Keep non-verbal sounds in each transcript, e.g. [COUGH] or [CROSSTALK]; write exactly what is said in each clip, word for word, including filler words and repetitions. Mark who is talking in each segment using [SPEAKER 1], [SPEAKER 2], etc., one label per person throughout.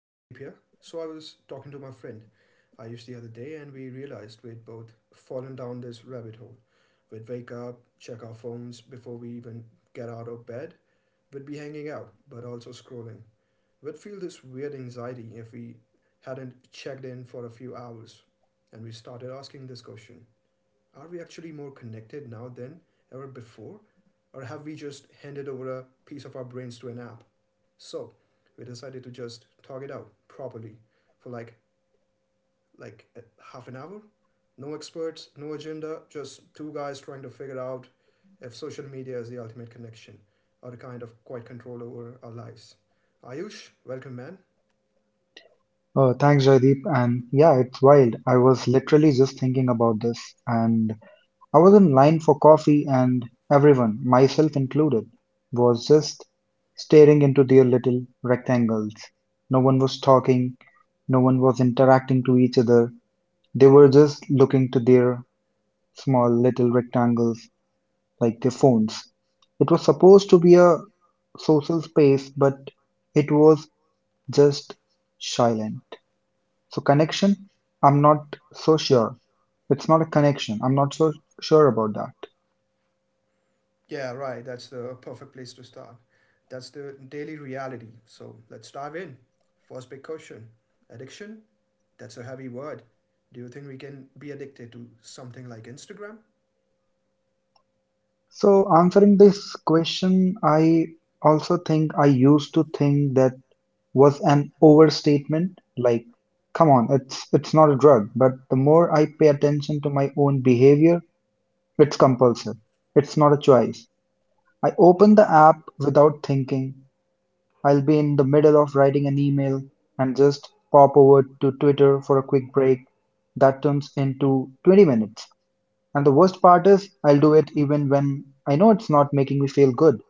[SPEAKER 1] Jadeep here. So I was talking to my friend Ayush the other day and we realized we'd both fallen down this rabbit hole. We'd wake up, check our phones before we even get out of bed. We'd be hanging out, but also scrolling. We'd feel this weird anxiety if we hadn't checked in for a few hours. And we started asking this question: are we actually more connected now than ever before? Or have we just handed over a piece of our brains to an app? So we decided to just talk it out properly for like like half an hour. No experts, no agenda, just two guys trying to figure out if social media is the ultimate connection or a kind of quiet control over our lives. Ayush, welcome, man.
[SPEAKER 2] Oh, thanks, Jaideep. And yeah, it's wild. I was literally just thinking about this, and I was in line for coffee, and everyone, myself included, was just staring into their little rectangles. No one was talking, no one was interacting to each other. They were just looking to their small little rectangles like their phones. It was supposed to be a social space, but it was just silent. So connection, I'm not so sure. It's not a connection. I'm not so sure about that.
[SPEAKER 1] Yeah, right. That's the perfect place to start. That's the daily reality. So let's dive in. First big question: addiction? That's a heavy word. Do you think we can be addicted to something like Instagram?
[SPEAKER 2] So answering this question, I also think I used to think that was an overstatement. Like, come on, it's it's not a drug. But the more I pay attention to my own behavior, it's compulsive. It's not a choice. I open the app without thinking. I'll be in the middle of writing an email and just pop over to Twitter for a quick break. That turns into twenty minutes. And the worst part is, I'll do it even when I know it's not making me feel good.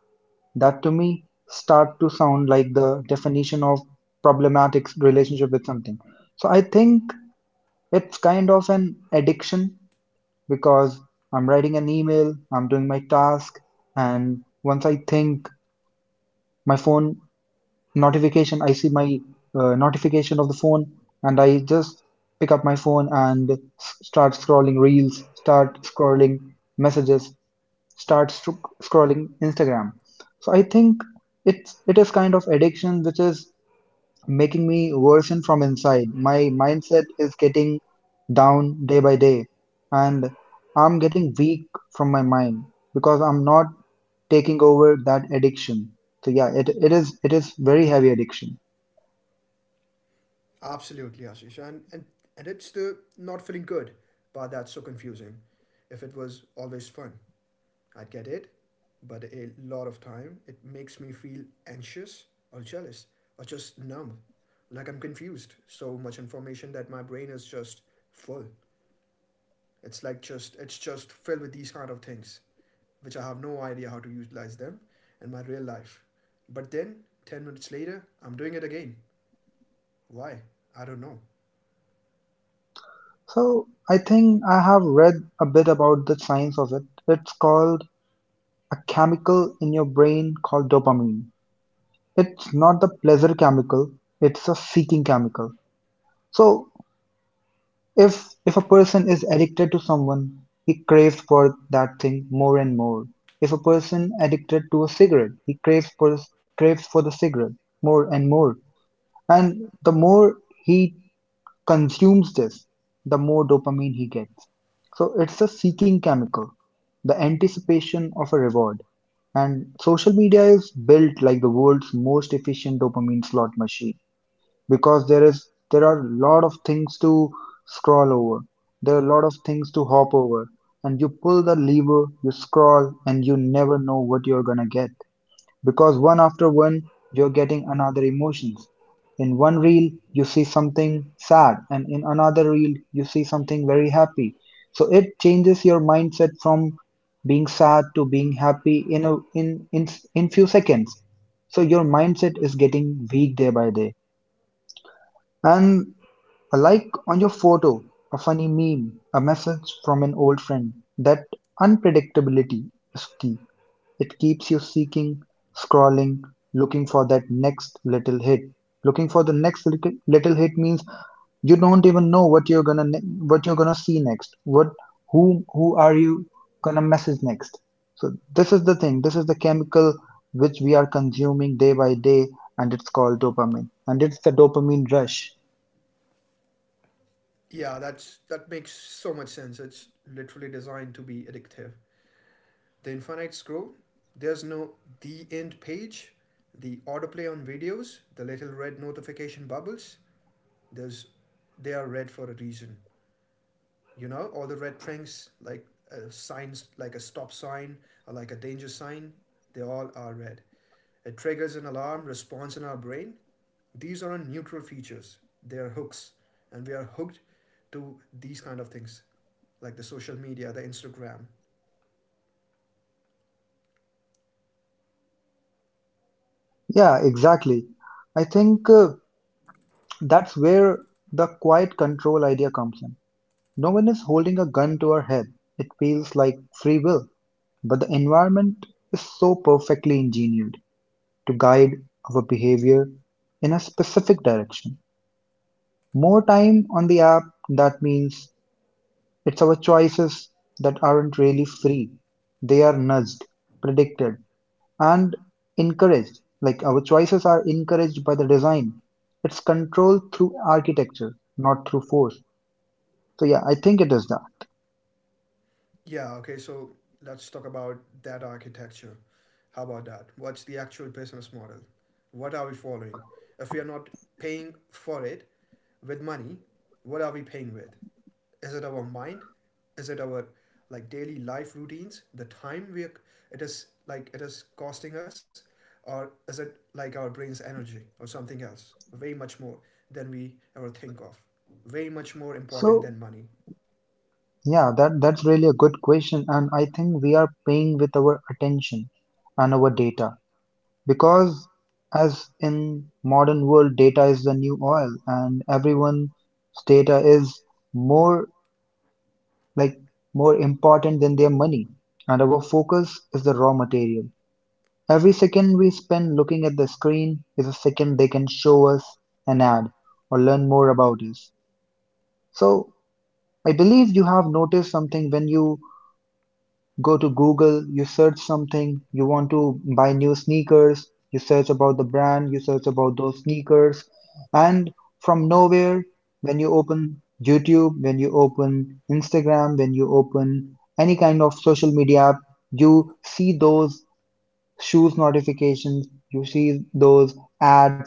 [SPEAKER 2] That to me start to sound like the definition of problematic relationship with something. So I think it's kind of an addiction because I'm writing an email, I'm doing my task, and once I think my phone notification I see my uh, notification of the phone, and I just pick up my phone and start scrolling reels, start scrolling messages, start scrolling Instagram. So I think it's it is kind of addiction, which is making me worsen from inside. My mindset is getting down day by day, and I'm getting weak from my mind because I'm not taking over that addiction. So yeah, it, it is it is very heavy addiction.
[SPEAKER 1] Absolutely, Ashish. And, and, and it's the not feeling good, but that's so confusing. If it was always fun, I get it, but a lot of time it makes me feel anxious or jealous or just numb. Like, I'm confused. So much information that my brain is just full. It's like, just, it's just filled with these kind of things, which I have no idea how to utilize them in my real life. But then 10 minutes later, I'm doing it again. Why? I don't know.
[SPEAKER 2] So I think I have read a bit about the science of it. It's called a chemical in your brain called dopamine. It's not the pleasure chemical, it's a seeking chemical. So if if a person is addicted to someone, he craves for that thing more and more. If a person addicted to a cigarette, he craves for craves for the cigarette more and more. And the more he consumes this, the more dopamine he gets. So it's a seeking chemical, the anticipation of a reward. And social media is built like the world's most efficient dopamine slot machine because there is there are a lot of things to scroll over. There are a lot of things to hop over. And you pull the lever, you scroll, and you never know what you're gonna get. Because one after one you're getting another emotions. In one reel you see something sad and in another reel you see something very happy. So it changes your mindset from being sad to being happy in a, in in in few seconds. So your mindset is getting weak day by day. And a like on your photo, a funny meme, a message from an old friend, that unpredictability is key. It keeps you seeking, scrolling, looking for that next little hit. Looking for the next little, little hit means you don't even know what you're gonna ne- what you're gonna see next. What who who are you gonna message next? So this is the thing. This is the chemical which we are consuming day by day, and it's called dopamine. And it's the dopamine rush.
[SPEAKER 1] Yeah, that's that makes so much sense. It's literally designed to be addictive. The infinite scroll. There's no the end page, the autoplay on videos, the little red notification bubbles. There's they are red for a reason. You know, all the red things, like, uh, signs like a stop sign or like a danger sign, they all are red. It triggers an alarm response in our brain. These aren't neutral features. They are hooks, and we are hooked to these kind of things, like the social media, the Instagram.
[SPEAKER 2] Yeah, exactly. I think uh, that's where the quiet control idea comes in. No one is holding a gun to our head. It feels like free will, but the environment is so perfectly engineered to guide our behavior in a specific direction. More time on the app, that means it's our choices that aren't really free. They are nudged, predicted, and encouraged. Like our choices are encouraged by the design. It's controlled through architecture, not through force. So, yeah, I think it is that.
[SPEAKER 1] Yeah, okay, so let's talk about that architecture. How about that? What's the actual business model? What are we following? If we are not paying for it with money, what are we paying with? Is it our mind? Is it our, like, daily life routines? The time we are, it is like it is costing us, or is it like our brain's energy or something else? Way much more than we ever think of. Way much more important
[SPEAKER 2] So,
[SPEAKER 1] than money.
[SPEAKER 2] yeah, that that's really a good question, and I think we are paying with our attention and our data because as in modern world, data is the new oil, and everyone's data is more like more important than their money, and our focus is the raw material. Every second we spend looking at the screen is a second they can show us an ad or learn more about us. So I believe you have noticed something when you go to Google, you search something, you want to buy new sneakers, you search about the brand, you search about those sneakers, and from nowhere, when you open YouTube, when you open Instagram, when you open any kind of social media app, you see those shoes notifications, you see those ads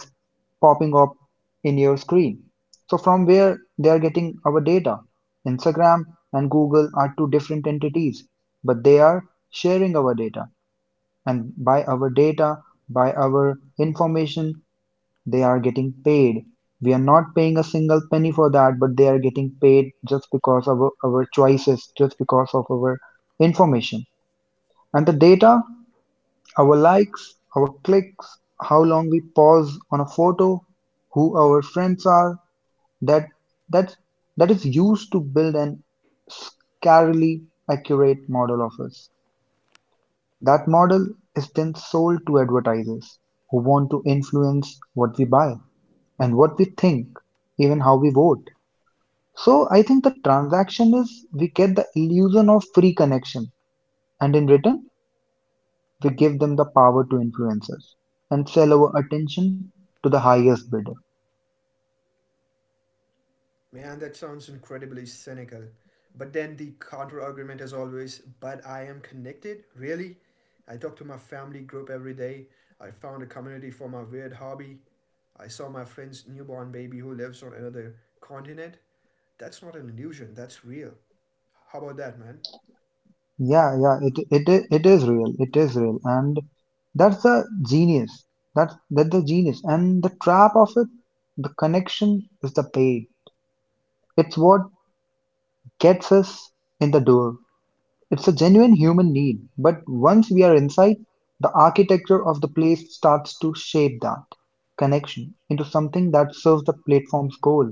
[SPEAKER 2] popping up in your screen. So from where they are getting our data? Instagram and Google are two different entities, but they are sharing our data. And by our data, by our information, they are getting paid. We are not paying a single penny for that, but they are getting paid just because of our, our choices, just because of our information. And the data, our likes, our clicks, how long we pause on a photo, who our friends are, that that that is used to build an scarily accurate model of us. That model is then sold to advertisers who want to influence what we buy and what we think, even how we vote. So I think the transaction is we get the illusion of free connection, and in return, we give them the power to influence us and sell our attention to the highest bidder.
[SPEAKER 1] Man, that sounds incredibly cynical. But then the counter argument is always, but I am connected? Really? I talk to my family group every day. I found a community for my weird hobby. I saw my friend's newborn baby who lives on another continent. That's not an illusion, that's real. How about that, man?
[SPEAKER 2] Yeah, yeah, it it i- it is real. It is real, and that's the genius. That's that's the genius, and the trap of it. The connection is the paid. It's what gets us in the door. It's a genuine human need, but once we are inside, the architecture of the place starts to shape that connection into something that serves the platform's goal.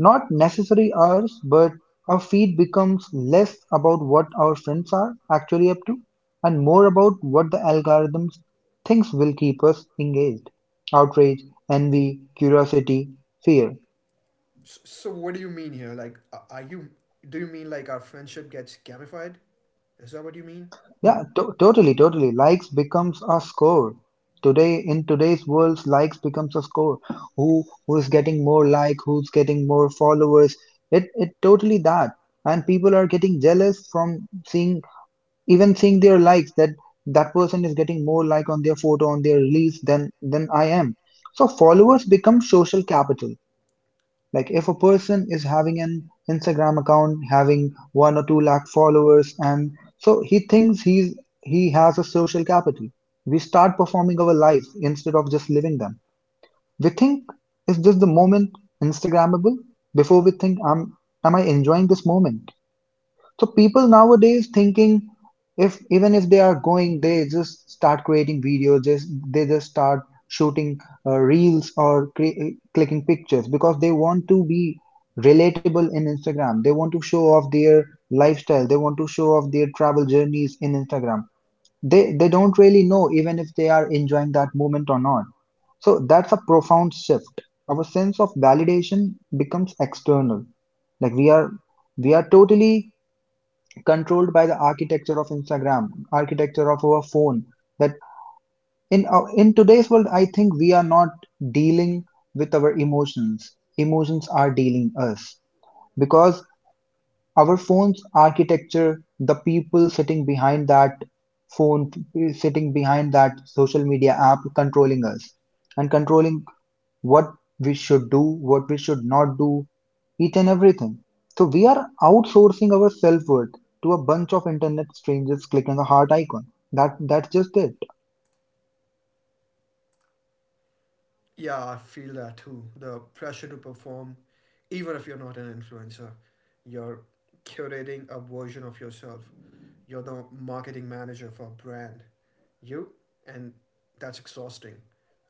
[SPEAKER 2] Not necessary ours, but our feed becomes less about what our friends are actually up to and more about what the algorithms thinks will keep us engaged. Outrage, envy, curiosity, fear.
[SPEAKER 1] S- So, what do you mean here? Like, are you. Do you mean like our friendship gets gamified? Is that what you mean?
[SPEAKER 2] Yeah, to- totally, totally. Likes becomes a score. Today, in today's world, likes becomes a score. Who who is getting more like, who's getting more followers. It it totally that. And people are getting jealous from seeing, even seeing their likes, that that person is getting more like on their photo, on their release, than than I am. So followers become social capital. Like if a person is having an Instagram account having one or two lakh followers, and so he thinks he's, he has a social capital, we start performing our life instead of just living them. We think, is this the moment Instagrammable, before we think, am am I enjoying this moment? So people nowadays thinking, if even if they are going, they just start creating videos, just they just start shooting uh, reels, or cre- clicking pictures, because they want to be relatable in Instagram. They want to show off their lifestyle. They want to show off their travel journeys in Instagram. They they don't really know even if they are enjoying that moment or not. So that's a profound shift. Our sense of validation becomes external. Like we are we are totally controlled by the architecture of Instagram, architecture of our phone. That in our, in today's world, I think we are not dealing with our emotions. Emotions are dealing us because our phone's architecture, the people sitting behind that phone, sitting behind that social media app, controlling us and controlling what we should do, what we should not do, each and everything. So we are outsourcing our self-worth to a bunch of internet strangers clicking a heart icon. That that's just it.
[SPEAKER 1] Yeah, I feel that too. The pressure to perform, even if you're not an influencer, you're curating a version of yourself. You're the marketing manager for a brand. You, and that's exhausting.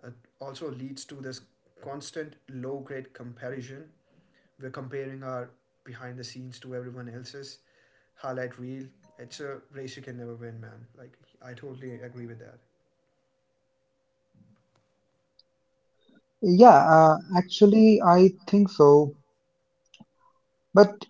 [SPEAKER 1] It also leads to this constant low grade comparison. We're comparing our behind the scenes to everyone else's highlight reel. It's a race you can never win, man. Like, I totally agree with that.
[SPEAKER 2] Yeah, uh, actually, I think so. But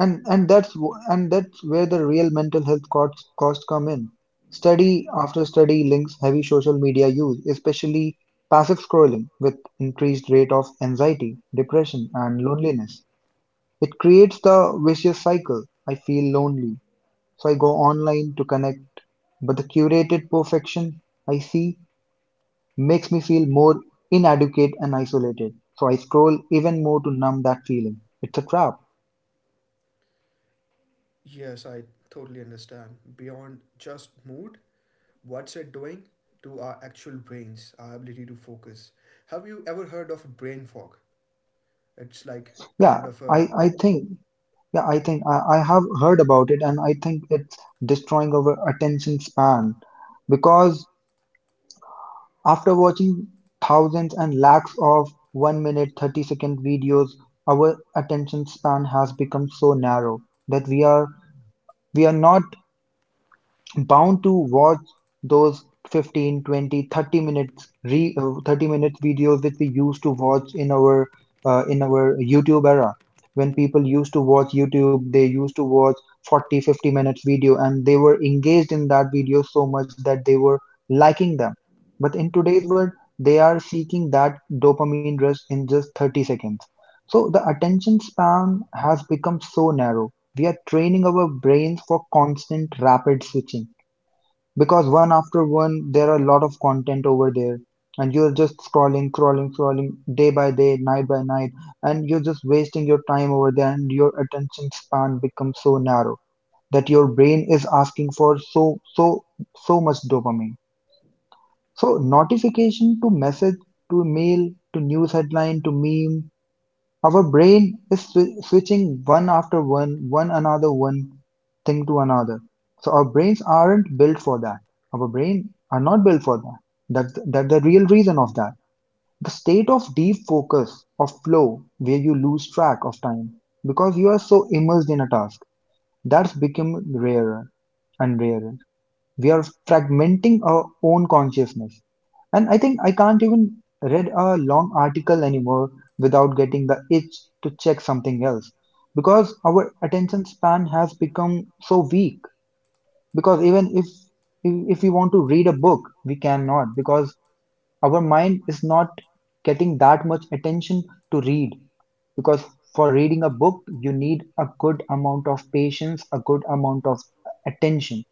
[SPEAKER 2] and and that's w- and that's where the real mental health costs costs come in. Study after study links heavy social media use, especially passive scrolling, with increased rate of anxiety, depression, and loneliness. It creates the vicious cycle. I feel lonely, so I go online to connect. But the curated perfection I see makes me feel more inadequate and isolated. So I scroll even more to numb that feeling. It's a trap.
[SPEAKER 1] Yes, I totally understand. Beyond just mood, what's it doing to our actual brains, our ability to focus? Have you ever heard of brain fog? It's like kind
[SPEAKER 2] Yeah,
[SPEAKER 1] of a—
[SPEAKER 2] I, I think, yeah, I think I, I have heard about it and I think it's destroying our attention span because after watching thousands and lakhs of one minute thirty second videos, our attention span has become so narrow that we are we are not bound to watch those fifteen, twenty, thirty minutes re uh, thirty minutes videos which we used to watch in our uh, in our youtube era. When people used to watch youtube, they used to watch forty, fifty minutes video, and they were engaged in that video so much that they were liking them. But in today's world, they are seeking that dopamine rush in just thirty seconds. So the attention span has become so narrow. We are training our brains for constant rapid switching because one after one, there are a lot of content over there, and you're just scrolling scrolling scrolling day by day, night by night, and you're just wasting your time over there, and your attention span becomes so narrow that your brain is asking for so so so much dopamine. So notification to message, to mail, to news headline, to meme, our brain is swi- switching one after one, one another, one thing to another. So our brains aren't built for that. Our brain are not built for that. That's that's the real reason of that. The state of deep focus, of flow, where you lose track of time because you are so immersed in a task, that's become rarer and rarer. We are fragmenting our own consciousness, and I think I can't even read a long article anymore without getting the itch to check something else, because our attention span has become so weak. Because even if if we want to read a book, we cannot, because our mind is not getting that much attention to read. Because for reading a book, you need a good amount of patience, a good amount of attention,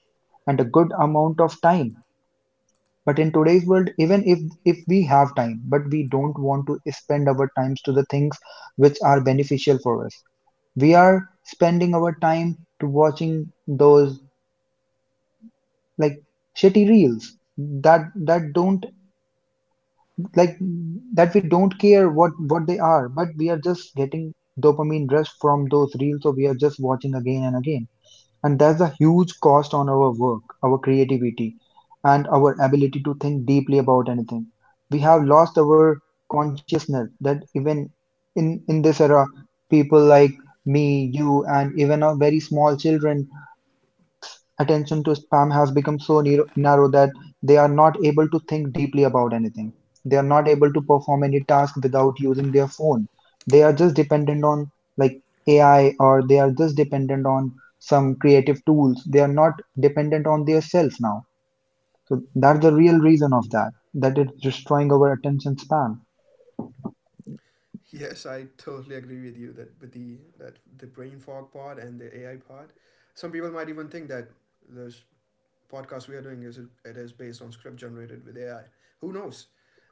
[SPEAKER 2] and a good amount of time. But in today's world, even if if we have time, but we don't want to spend our times to the things which are beneficial for us. We are spending our time to watching those, like, shitty reels that that don't, like, that we don't care what what they are, but we are just getting dopamine rush from those reels, so we are just watching again and again. And that's a huge cost on our work, our creativity, and our ability to think deeply about anything. We have lost our consciousness that even in in this era, people like me, you, and even our very small children. Attention to spam has become so narrow that they are not able to think deeply about anything. They are not able to perform any task without using their phone. They are just dependent on, like, A I, or they are just dependent on some creative tools. They are not dependent on their self now. So that's the real reason of that, that it's destroying our attention span.
[SPEAKER 1] [LAUGHS] Yes, I totally agree with you that with the that the brain fog part and the A I part. Some people might even think that there's podcast we are doing is it is based on script generated with A I. Who knows?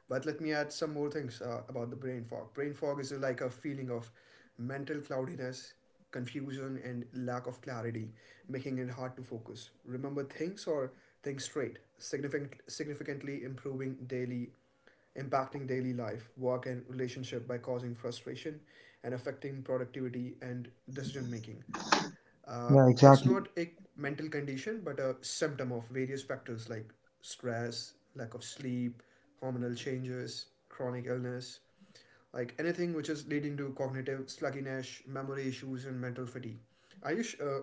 [SPEAKER 1] But let me add some more things uh, about the brain fog. Brain fog is like a feeling of mental cloudiness, confusion, and lack of clarity, making it hard to focus, remember things or think straight, significant, significantly improving daily, impacting daily life, work, and relationship by causing frustration and affecting productivity and decision making. Uh,
[SPEAKER 2] Yeah,
[SPEAKER 1] it's
[SPEAKER 2] exactly.
[SPEAKER 1] not a mental condition, but a symptom of various factors like stress, lack of sleep, hormonal changes, chronic illness, like anything which is leading to cognitive sluggishness, memory issues, and mental fatigue. Ayush, uh,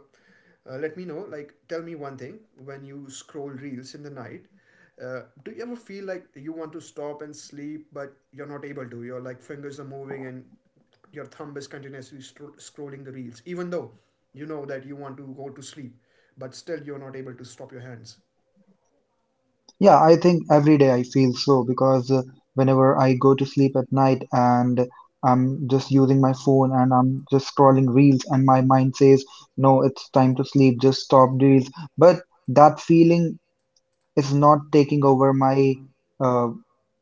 [SPEAKER 1] uh, let me know. Like, tell me one thing: when you scroll reels in the night, Uh, do you ever feel like you want to stop and sleep, but you're not able to? Your, like, fingers are moving and your thumb is continuously stro- scrolling the reels, even though you know that you want to go to sleep, but still you're not able to stop your hands.
[SPEAKER 2] Yeah, I think every day I feel so, because uh, whenever I go to sleep at night and I'm just using my phone and I'm just scrolling reels, and my mind says, no, it's time to sleep, just stop reels. But that feeling is not taking over my uh,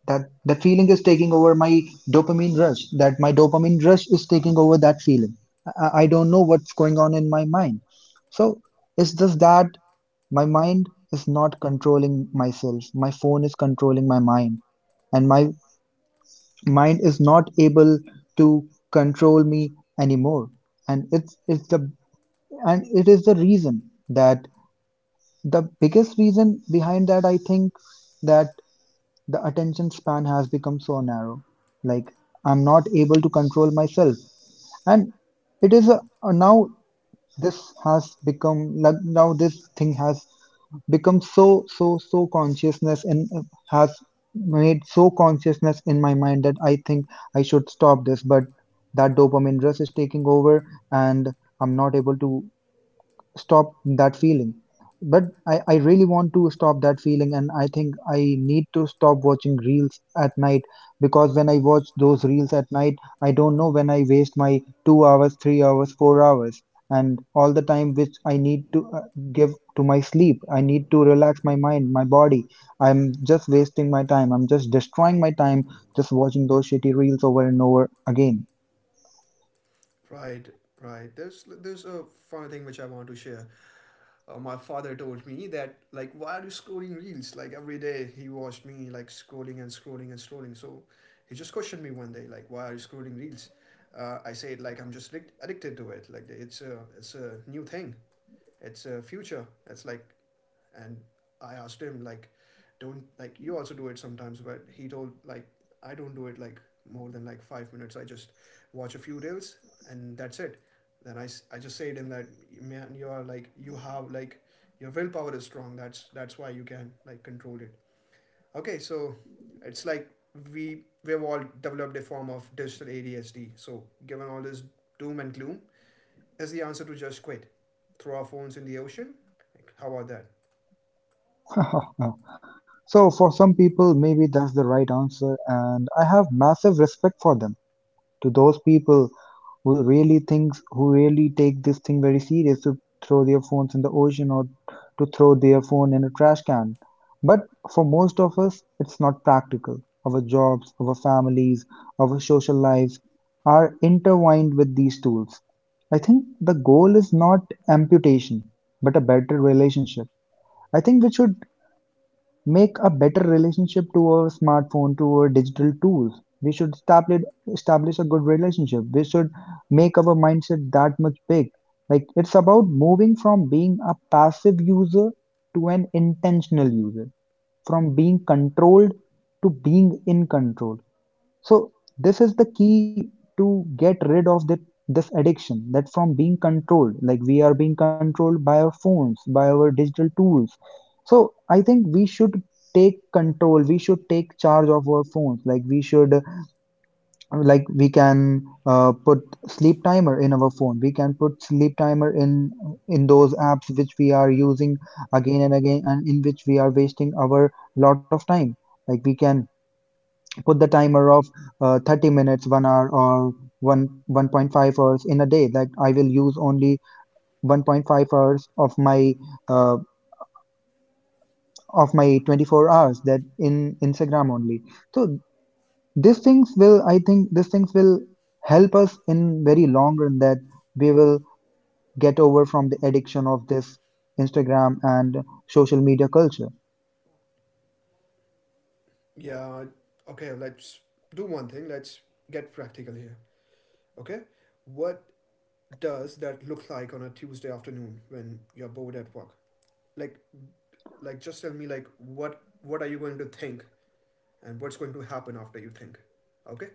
[SPEAKER 2] that that feeling is taking over my dopamine rush. That my dopamine rush is taking over that feeling. I, I I don't know what's going on in my mind. So it's just that. My mind is not controlling myself. My phone is controlling my mind. And my mind is not able to control me anymore. And it's, it's the and it is the reason that the biggest reason behind that, I think, that the attention span has become so narrow. Like, I'm not able to control myself. And it is a, a now this has become, like, now this thing has become so so so consciousness and uh, has made so consciousness in my mind that I think I should stop this, but that dopamine rush is taking over and I'm not able to stop that feeling. But I, I really want to stop that feeling, and I think I need to stop watching reels at night. Because when I watch those reels at night, I don't know when I waste my two hours, three hours, four hours, and all the time which I need to uh, give to my sleep. I need to relax my mind, my body. I'm just wasting my time. I'm just destroying my time just watching those shitty reels over and over again.
[SPEAKER 1] Right, right. There's there's a funny thing which I want to share. Uh, my father told me that, like, why are you scrolling reels? Like, every day he watched me, like, scrolling and scrolling and scrolling. So he just questioned me one day, like, why are you scrolling reels? uh, I said, like, I'm just addic- addicted to it. Like, it's a— it's a new thing, it's a future, it's like. And I asked him, like, don't, like, you also do it sometimes? But he told, like, I don't do it like more than like five minutes. I just watch a few reels and that's it. Then I I just say to him that, man, you are, like, you have, like, your willpower is strong. That's that's why you can, like, control it. Okay, so it's like we we've all developed a form of digital A D H D. So given all this doom and gloom, is the answer to just quit, throw our phones in the ocean? Like, how about that?
[SPEAKER 2] [LAUGHS] So, for some people, maybe that's the right answer, and I have massive respect for them. To those people who really think, who really take this thing very serious, to throw their phones in the ocean or to throw their phone in a trash can. But for most of us, it's not practical. Our jobs, our families, our social lives are intertwined with these tools. I think the goal is not amputation, but a better relationship. I think we should make a better relationship to our smartphone, to our digital tools. We should establish establish a good relationship. We should make our mindset that much big. Like, it's about moving from being a passive user to an intentional user, from being controlled to being in control. So this is the key to get rid of the, this addiction, that from being controlled, like, we are being controlled by our phones, by our digital tools. So I think we should take control. We should take charge of our phones. Like, we should, uh, like, we can uh, put sleep timer in our phone. We can put sleep timer in in those apps which we are using again and again, and in which we are wasting our lot of time. Like, we can put the timer of uh, thirty minutes, one hour, or 1 one point five hours in a day. Like, I will use only one point five hours of my uh, of my twenty-four hours that in Instagram only. So these things will, I think, these things will help us in very long run, that we will get over from the addiction of this Instagram and social media culture.
[SPEAKER 1] Yeah, okay, let's do one thing. Let's get practical here. Okay? What does that look like on a Tuesday afternoon when you're bored at work? Like like just tell me, like, what what are you going to think and what's going to happen after you think? Okay?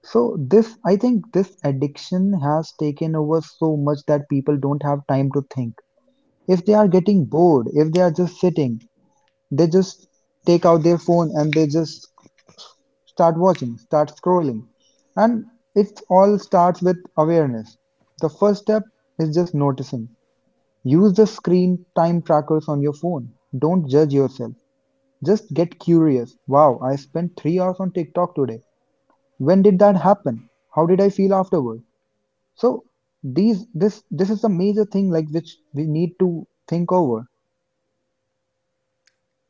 [SPEAKER 2] So this, I think, this addiction has taken over so much that people don't have time to think. If they are getting bored, if they are just sitting, they just take out their phone and they just start watching, start scrolling. And it all starts with awareness. The first step is just noticing. Use the screen time trackers on your phone. Don't judge yourself. Just get curious. Wow, I spent three hours on TikTok today. When did that happen? How did I feel afterward? So these this this is a major thing, like, which we need to think over.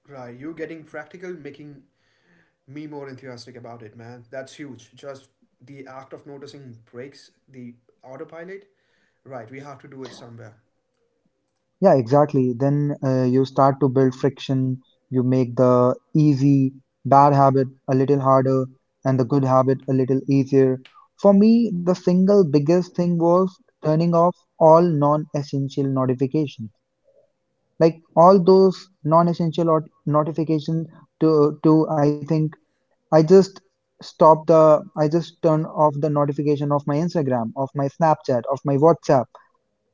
[SPEAKER 1] Right, you getting practical, making me more enthusiastic about it, man. That's huge. Just the act of noticing breaks the autopilot. Right, we have to do it somewhere.
[SPEAKER 2] Yeah, exactly. Then uh, you start to build friction, you make the easy bad habit a little harder and the good habit a little easier. For me, the single biggest thing was turning off all non-essential notifications. Like, all those non-essential or notifications to to I think I just stop the I just turn off the notification of my Instagram, of my Snapchat, of my WhatsApp,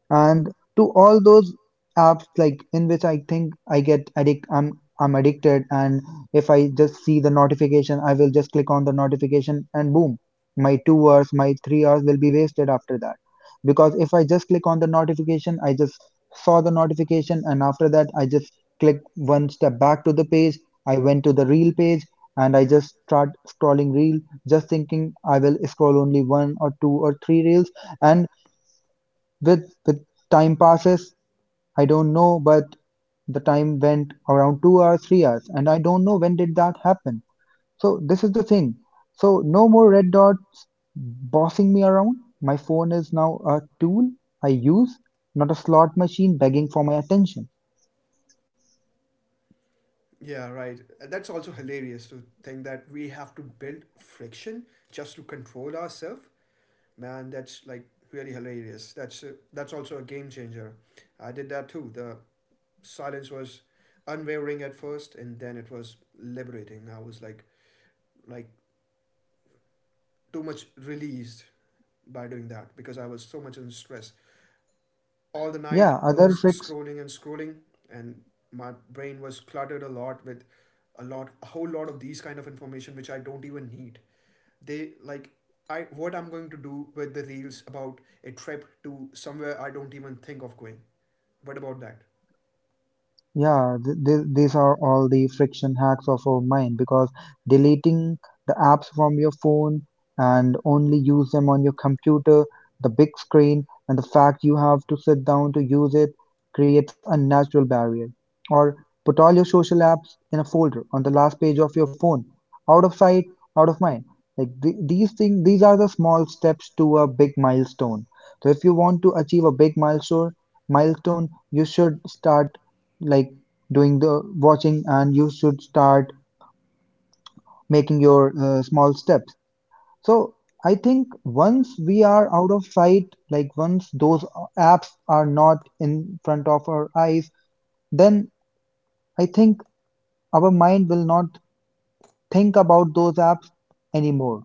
[SPEAKER 2] and to all those apps, like, in which I think I get addict i'm i'm addicted. And if I just see the notification, I will just click on the notification, and boom, my two hours, my three hours will be wasted after that. Because if I just click on the notification, I just saw the notification, and after that I just click one step back to the page, I went to the reel page, and I just start scrolling reel, just thinking I will scroll only one or two or three reels. And with with time passes, I don't know, but the time went around two hours, three hours, and I don't know when did that happen. So this is the thing. So no more red dots bossing me around. My phone is now a tool I use, not a slot machine begging for my attention.
[SPEAKER 1] Yeah, right. That's also hilarious to think that we have to build friction just to control ourselves. Man, that's, like, really hilarious. That's a, that's also a game changer. I did that too. The silence was unwavering at first, and then it was liberating. I was like, like too much released by doing that because I was so much in stress. All the night
[SPEAKER 2] Yeah, other
[SPEAKER 1] those
[SPEAKER 2] fric
[SPEAKER 1] scrolling and scrolling, and my brain was cluttered a lot with a lot a whole lot of these kind of information which I don't even need. They, like, I, what I'm going to do with the reels about a trip to somewhere I don't even think of going? What about that?
[SPEAKER 2] Yeah, th th these are all the friction hacks of our mind. Because deleting the apps from your phone and only use them on your computer, the big screen, and the fact you have to sit down to use it creates a natural barrier. Or put all your social apps in a folder on the last page of your phone, out of sight, out of mind. Like, th these things, these are the small steps to a big milestone. So if you want to achieve a big milestone, milestone, you should start, like, doing the watching, and you should start making your uh, small steps. So I think once we are out of sight, like, once those apps are not in front of our eyes, then I think our mind will not think about those apps anymore.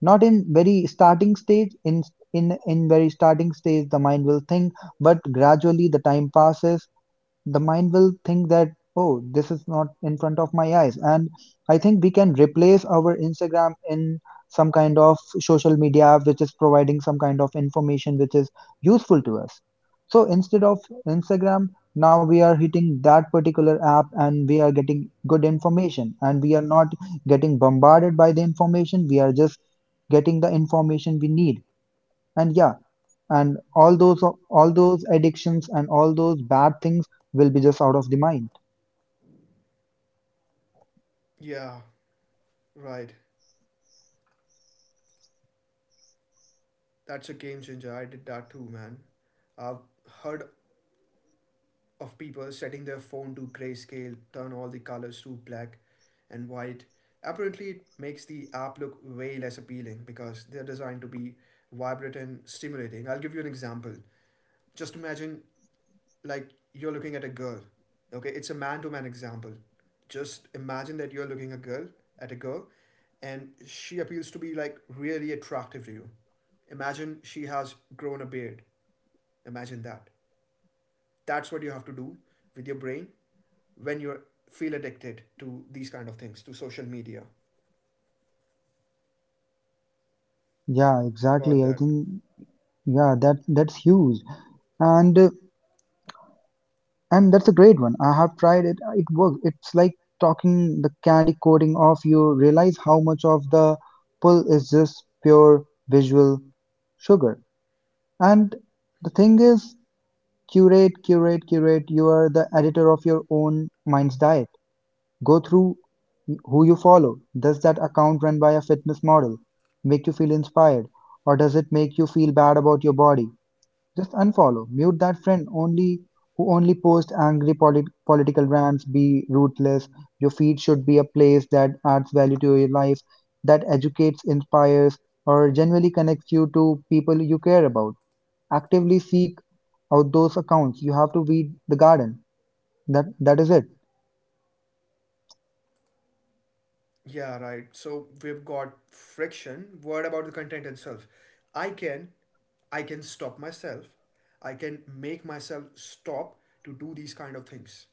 [SPEAKER 2] Not in very starting stage, in in in very starting stage the mind will think, but gradually the time passes, the mind will think that, oh, this is not in front of my eyes. And I think we can replace our Instagram in some kind of social media app which is providing some kind of information which is useful to us. So instead of Instagram, now we are hitting that particular app and we are getting good information, and we are not getting bombarded by the information. We are just getting the information we need. And yeah, and all those all those addictions and all those bad things will be just out of the mind.
[SPEAKER 1] Yeah, right. That's a game changer. I did that too, man. I've heard of people setting their phone to grayscale, turn all the colors to black and white. Apparently, it makes the app look way less appealing because they're designed to be vibrant and stimulating. I'll give you an example. Just imagine, like, you're looking at a girl. Okay, it's a man to man example. Just imagine that you're looking a girl at a girl and she appears to be, like, really attractive to you. Imagine she has grown a beard. Imagine that that's what you have to do with your brain when you feel addicted to these kind of things, to social media.
[SPEAKER 2] Yeah,
[SPEAKER 1] How about
[SPEAKER 2] exactly, I
[SPEAKER 1] that?
[SPEAKER 2] think yeah, that that's huge. And uh, and that's a great one. I have tried it, uh, it works. It's like talking the candy coating off. You realize how much of the pull is just pure visual sugar. And the thing is, curate curate curate, you are the editor of your own mind's diet. Go through who you follow. Does that account run by a fitness model make you feel inspired, or does it make you feel bad about your body? Just unfollow. Mute that friend only who only posts angry polit- political rants. Be ruthless. Your feed should be a place that adds value to your life, that educates, inspires, or genuinely connects you to people you care about. Actively seek out those accounts. You have to weed the garden. That that is it.
[SPEAKER 1] Yeah, right. So we've got friction. What about the content itself? I can i can stop myself, I can make myself stop to do these kind of things,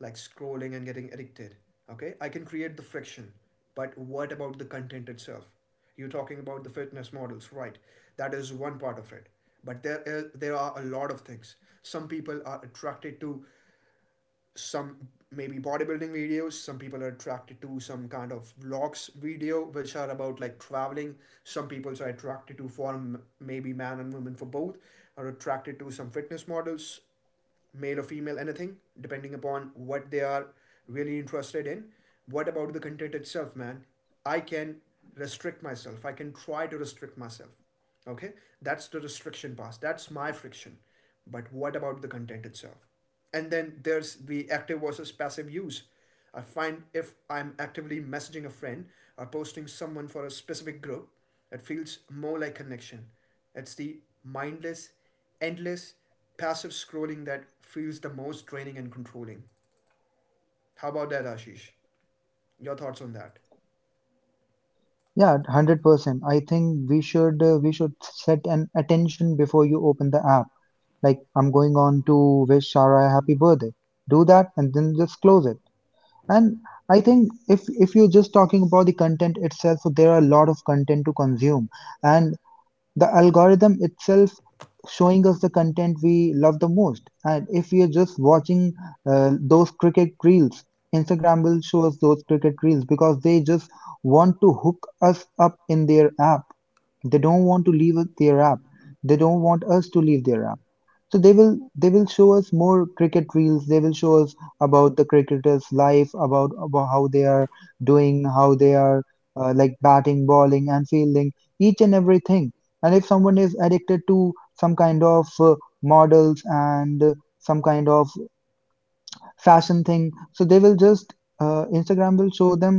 [SPEAKER 1] like scrolling and getting addicted. Okay, I can create the friction. But what about the content itself? You're talking about the fitness models, right? That is one part of it, but there is, there are a lot of things some people are attracted to. Some, maybe bodybuilding videos, some people are attracted to some kind of vlogs video which are about, like, traveling. Some people are attracted to, form, maybe, man and woman, for both are attracted to some fitness models, male or female, anything, depending upon what they are really interested in. What about the content itself, man? I can restrict myself. I can try to restrict myself. Okay, that's the restriction part. That's my friction. But what about the content itself? And then there's the active versus passive use. I find if I'm actively messaging a friend or posting someone for a specific group, it feels more like connection. It's the mindless, endless, passive scrolling that feels the most draining and controlling. How about that, Ashish? Your thoughts on that?
[SPEAKER 2] Yeah, one hundred percent. I think we should uh, we should set an attention before you open the app. Like I'm going on to wish Shara a happy birthday. Do that and then just close it. And I think if if you're just talking about the content itself, so there are a lot of content to consume. And the algorithm itself showing us the content we love the most. And if we are just watching uh, those cricket reels, Instagram will show us those cricket reels because they just want to hook us up in their app. They don't want to leave their app. They don't want us to leave their app. So they will they will show us more cricket reels. They will show us about the cricketers' life, about, about how they are doing, how they are uh, like batting, bowling, and fielding, each and everything. And if someone is addicted to some kind of uh, models and uh, some kind of fashion thing, so they will just uh, Instagram will show them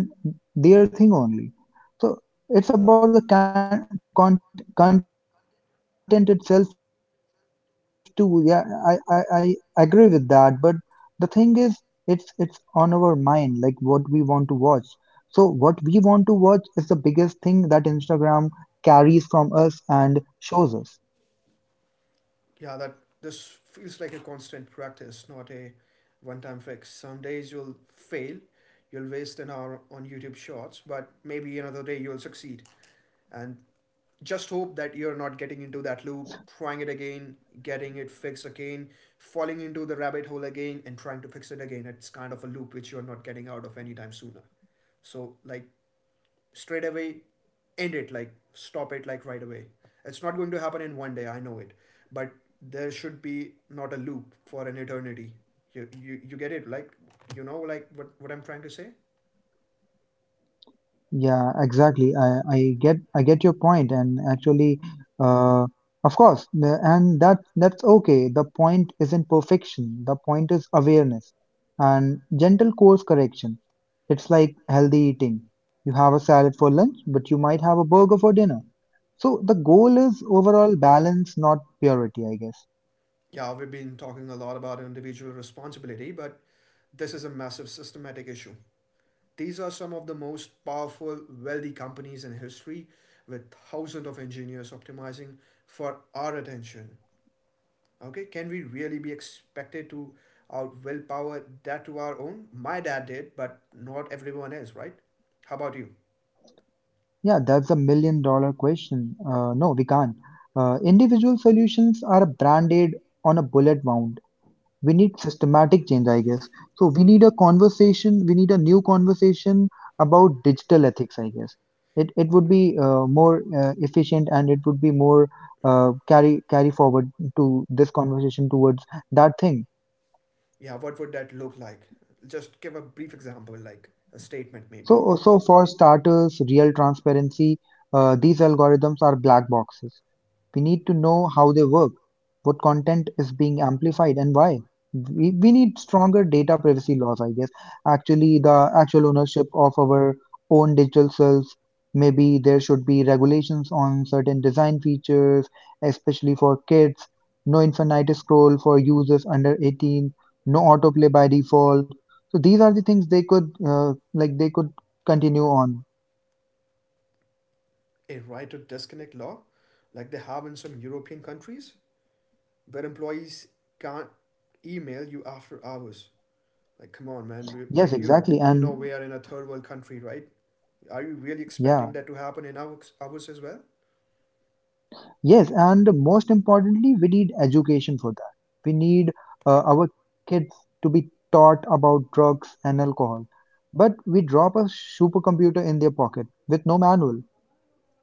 [SPEAKER 2] their thing only. So it's about the con- con- content itself too. Yeah, I, I i agree with that, but the thing is, it's it's on our mind, like what we want to watch. So what we want to watch is the biggest thing that Instagram carries from us and shows us.
[SPEAKER 1] Yeah, that this feels like a constant practice, not a one time fix. Some days you'll fail, you'll waste an hour on YouTube shorts, but maybe another day you'll succeed. And just hope that you're not getting into that loop, trying it again, getting it fixed again, falling into the rabbit hole again, and trying to fix it again. It's kind of a loop which you're not getting out of anytime sooner. So, like, straight away end it, like stop it, like right away. It's not going to happen in one day, I know it, but there should be not a loop for an eternity. You you, you get it, like, you know, like, what, what I'm trying to say.
[SPEAKER 2] Yeah, exactly. I, I get I get your point, and actually, uh, of course, the- and that that's okay. The point isn't perfection. The point is awareness and gentle course correction. It's like healthy eating. You have a salad for lunch, but you might have a burger for dinner. So the goal is overall balance, not purity, I guess.
[SPEAKER 1] Yeah, we've been talking a lot about individual responsibility, but this is a massive systematic issue. These are some of the most powerful, wealthy companies in history, with thousands of engineers optimizing for our attention. Okay, can we really be expected to out willpower that to our own? My dad did, but not everyone is, right? How about you?
[SPEAKER 2] Yeah, that's a million dollar question. Uh, no, we can't. Uh, individual solutions are branded on a bullet wound. We need systematic change, I guess. So we need a conversation, we need a new conversation about digital ethics, I guess. It it would be uh, more uh, efficient, and it would be more uh, carry carry forward to this conversation towards that thing.
[SPEAKER 1] Yeah, what would that look like? Just give a brief example, like a statement maybe.
[SPEAKER 2] So so for starters, real transparency. uh, these algorithms are black boxes. We need to know how they work, what content is being amplified, and why. We, we need stronger data privacy laws, I guess. Actually, the actual ownership of our own digital selves. Maybe there should be regulations on certain design features, especially for kids. No infinite scroll for users under eighteen. No autoplay by default. So these are the things they could, uh, like, they could continue on.
[SPEAKER 1] A right to disconnect law, like they have in some European countries, where employees can't email you after hours. Like, come on, man. We
[SPEAKER 2] Yes,
[SPEAKER 1] like you.
[SPEAKER 2] exactly.
[SPEAKER 1] You know
[SPEAKER 2] And
[SPEAKER 1] we are in a third world country, right? Are you really expecting
[SPEAKER 2] yeah.
[SPEAKER 1] that to happen in our ours as well?
[SPEAKER 2] Yes, and most importantly, we need education for that. We need uh, our kids to be taught about drugs and alcohol. But we drop a supercomputer in their pocket with no manual.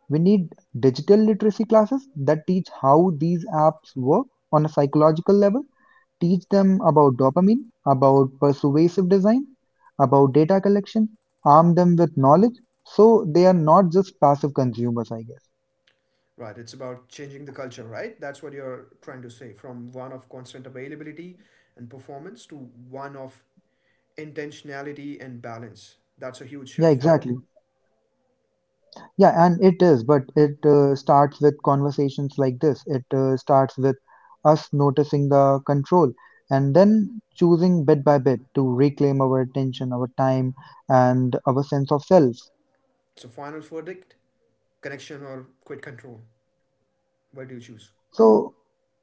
[SPEAKER 2] We need digital literacy classes that teach how these apps work on a psychological level, teach them about dopamine, about persuasive design, about data collection, arm them with knowledge so they are not just passive consumers, I guess.
[SPEAKER 1] Right, it's about changing the culture, right? That's what you're trying to say: from one of constant availability and performance to one of intentionality and balance. That's a huge
[SPEAKER 2] Yeah,
[SPEAKER 1] shift, right?
[SPEAKER 2] exactly. Yeah, and it is, but it uh, starts with conversations like this. It uh, starts with us noticing the control and then choosing bit by bit to reclaim our attention, our time, and our sense of self.
[SPEAKER 1] So, final verdict: connection or quit control? What do you choose?
[SPEAKER 2] So,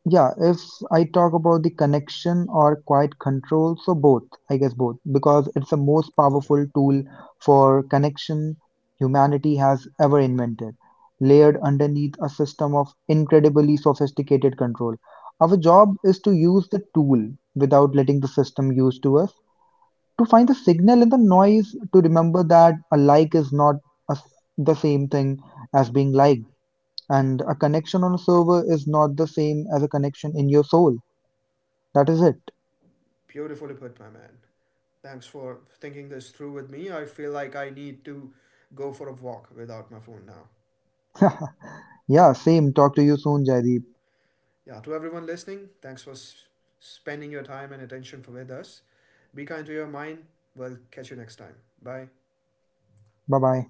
[SPEAKER 2] yeah, if I talk about the connection or quiet control, so both, I guess both, because it's the most
[SPEAKER 1] Okay.
[SPEAKER 2] powerful tool for connection humanity has ever invented, layered underneath a system of incredibly sophisticated control. Our job is to use the tool without letting the system use to us, to find the signal in the noise, to remember that a like is not a s the same thing as being liked, and a connection on a server is not the same as a connection in your soul. That is it.
[SPEAKER 1] Beautifully put, my man. Thanks for thinking this through with me. I feel like I need to go for a walk without my phone now.
[SPEAKER 2] Yeah, same. Talk to you soon, Jaideep.
[SPEAKER 1] Yeah, to everyone listening, thanks for s- spending your time and attention with us. Be kind to your mind. We'll catch you next time. Bye.
[SPEAKER 2] Bye bye.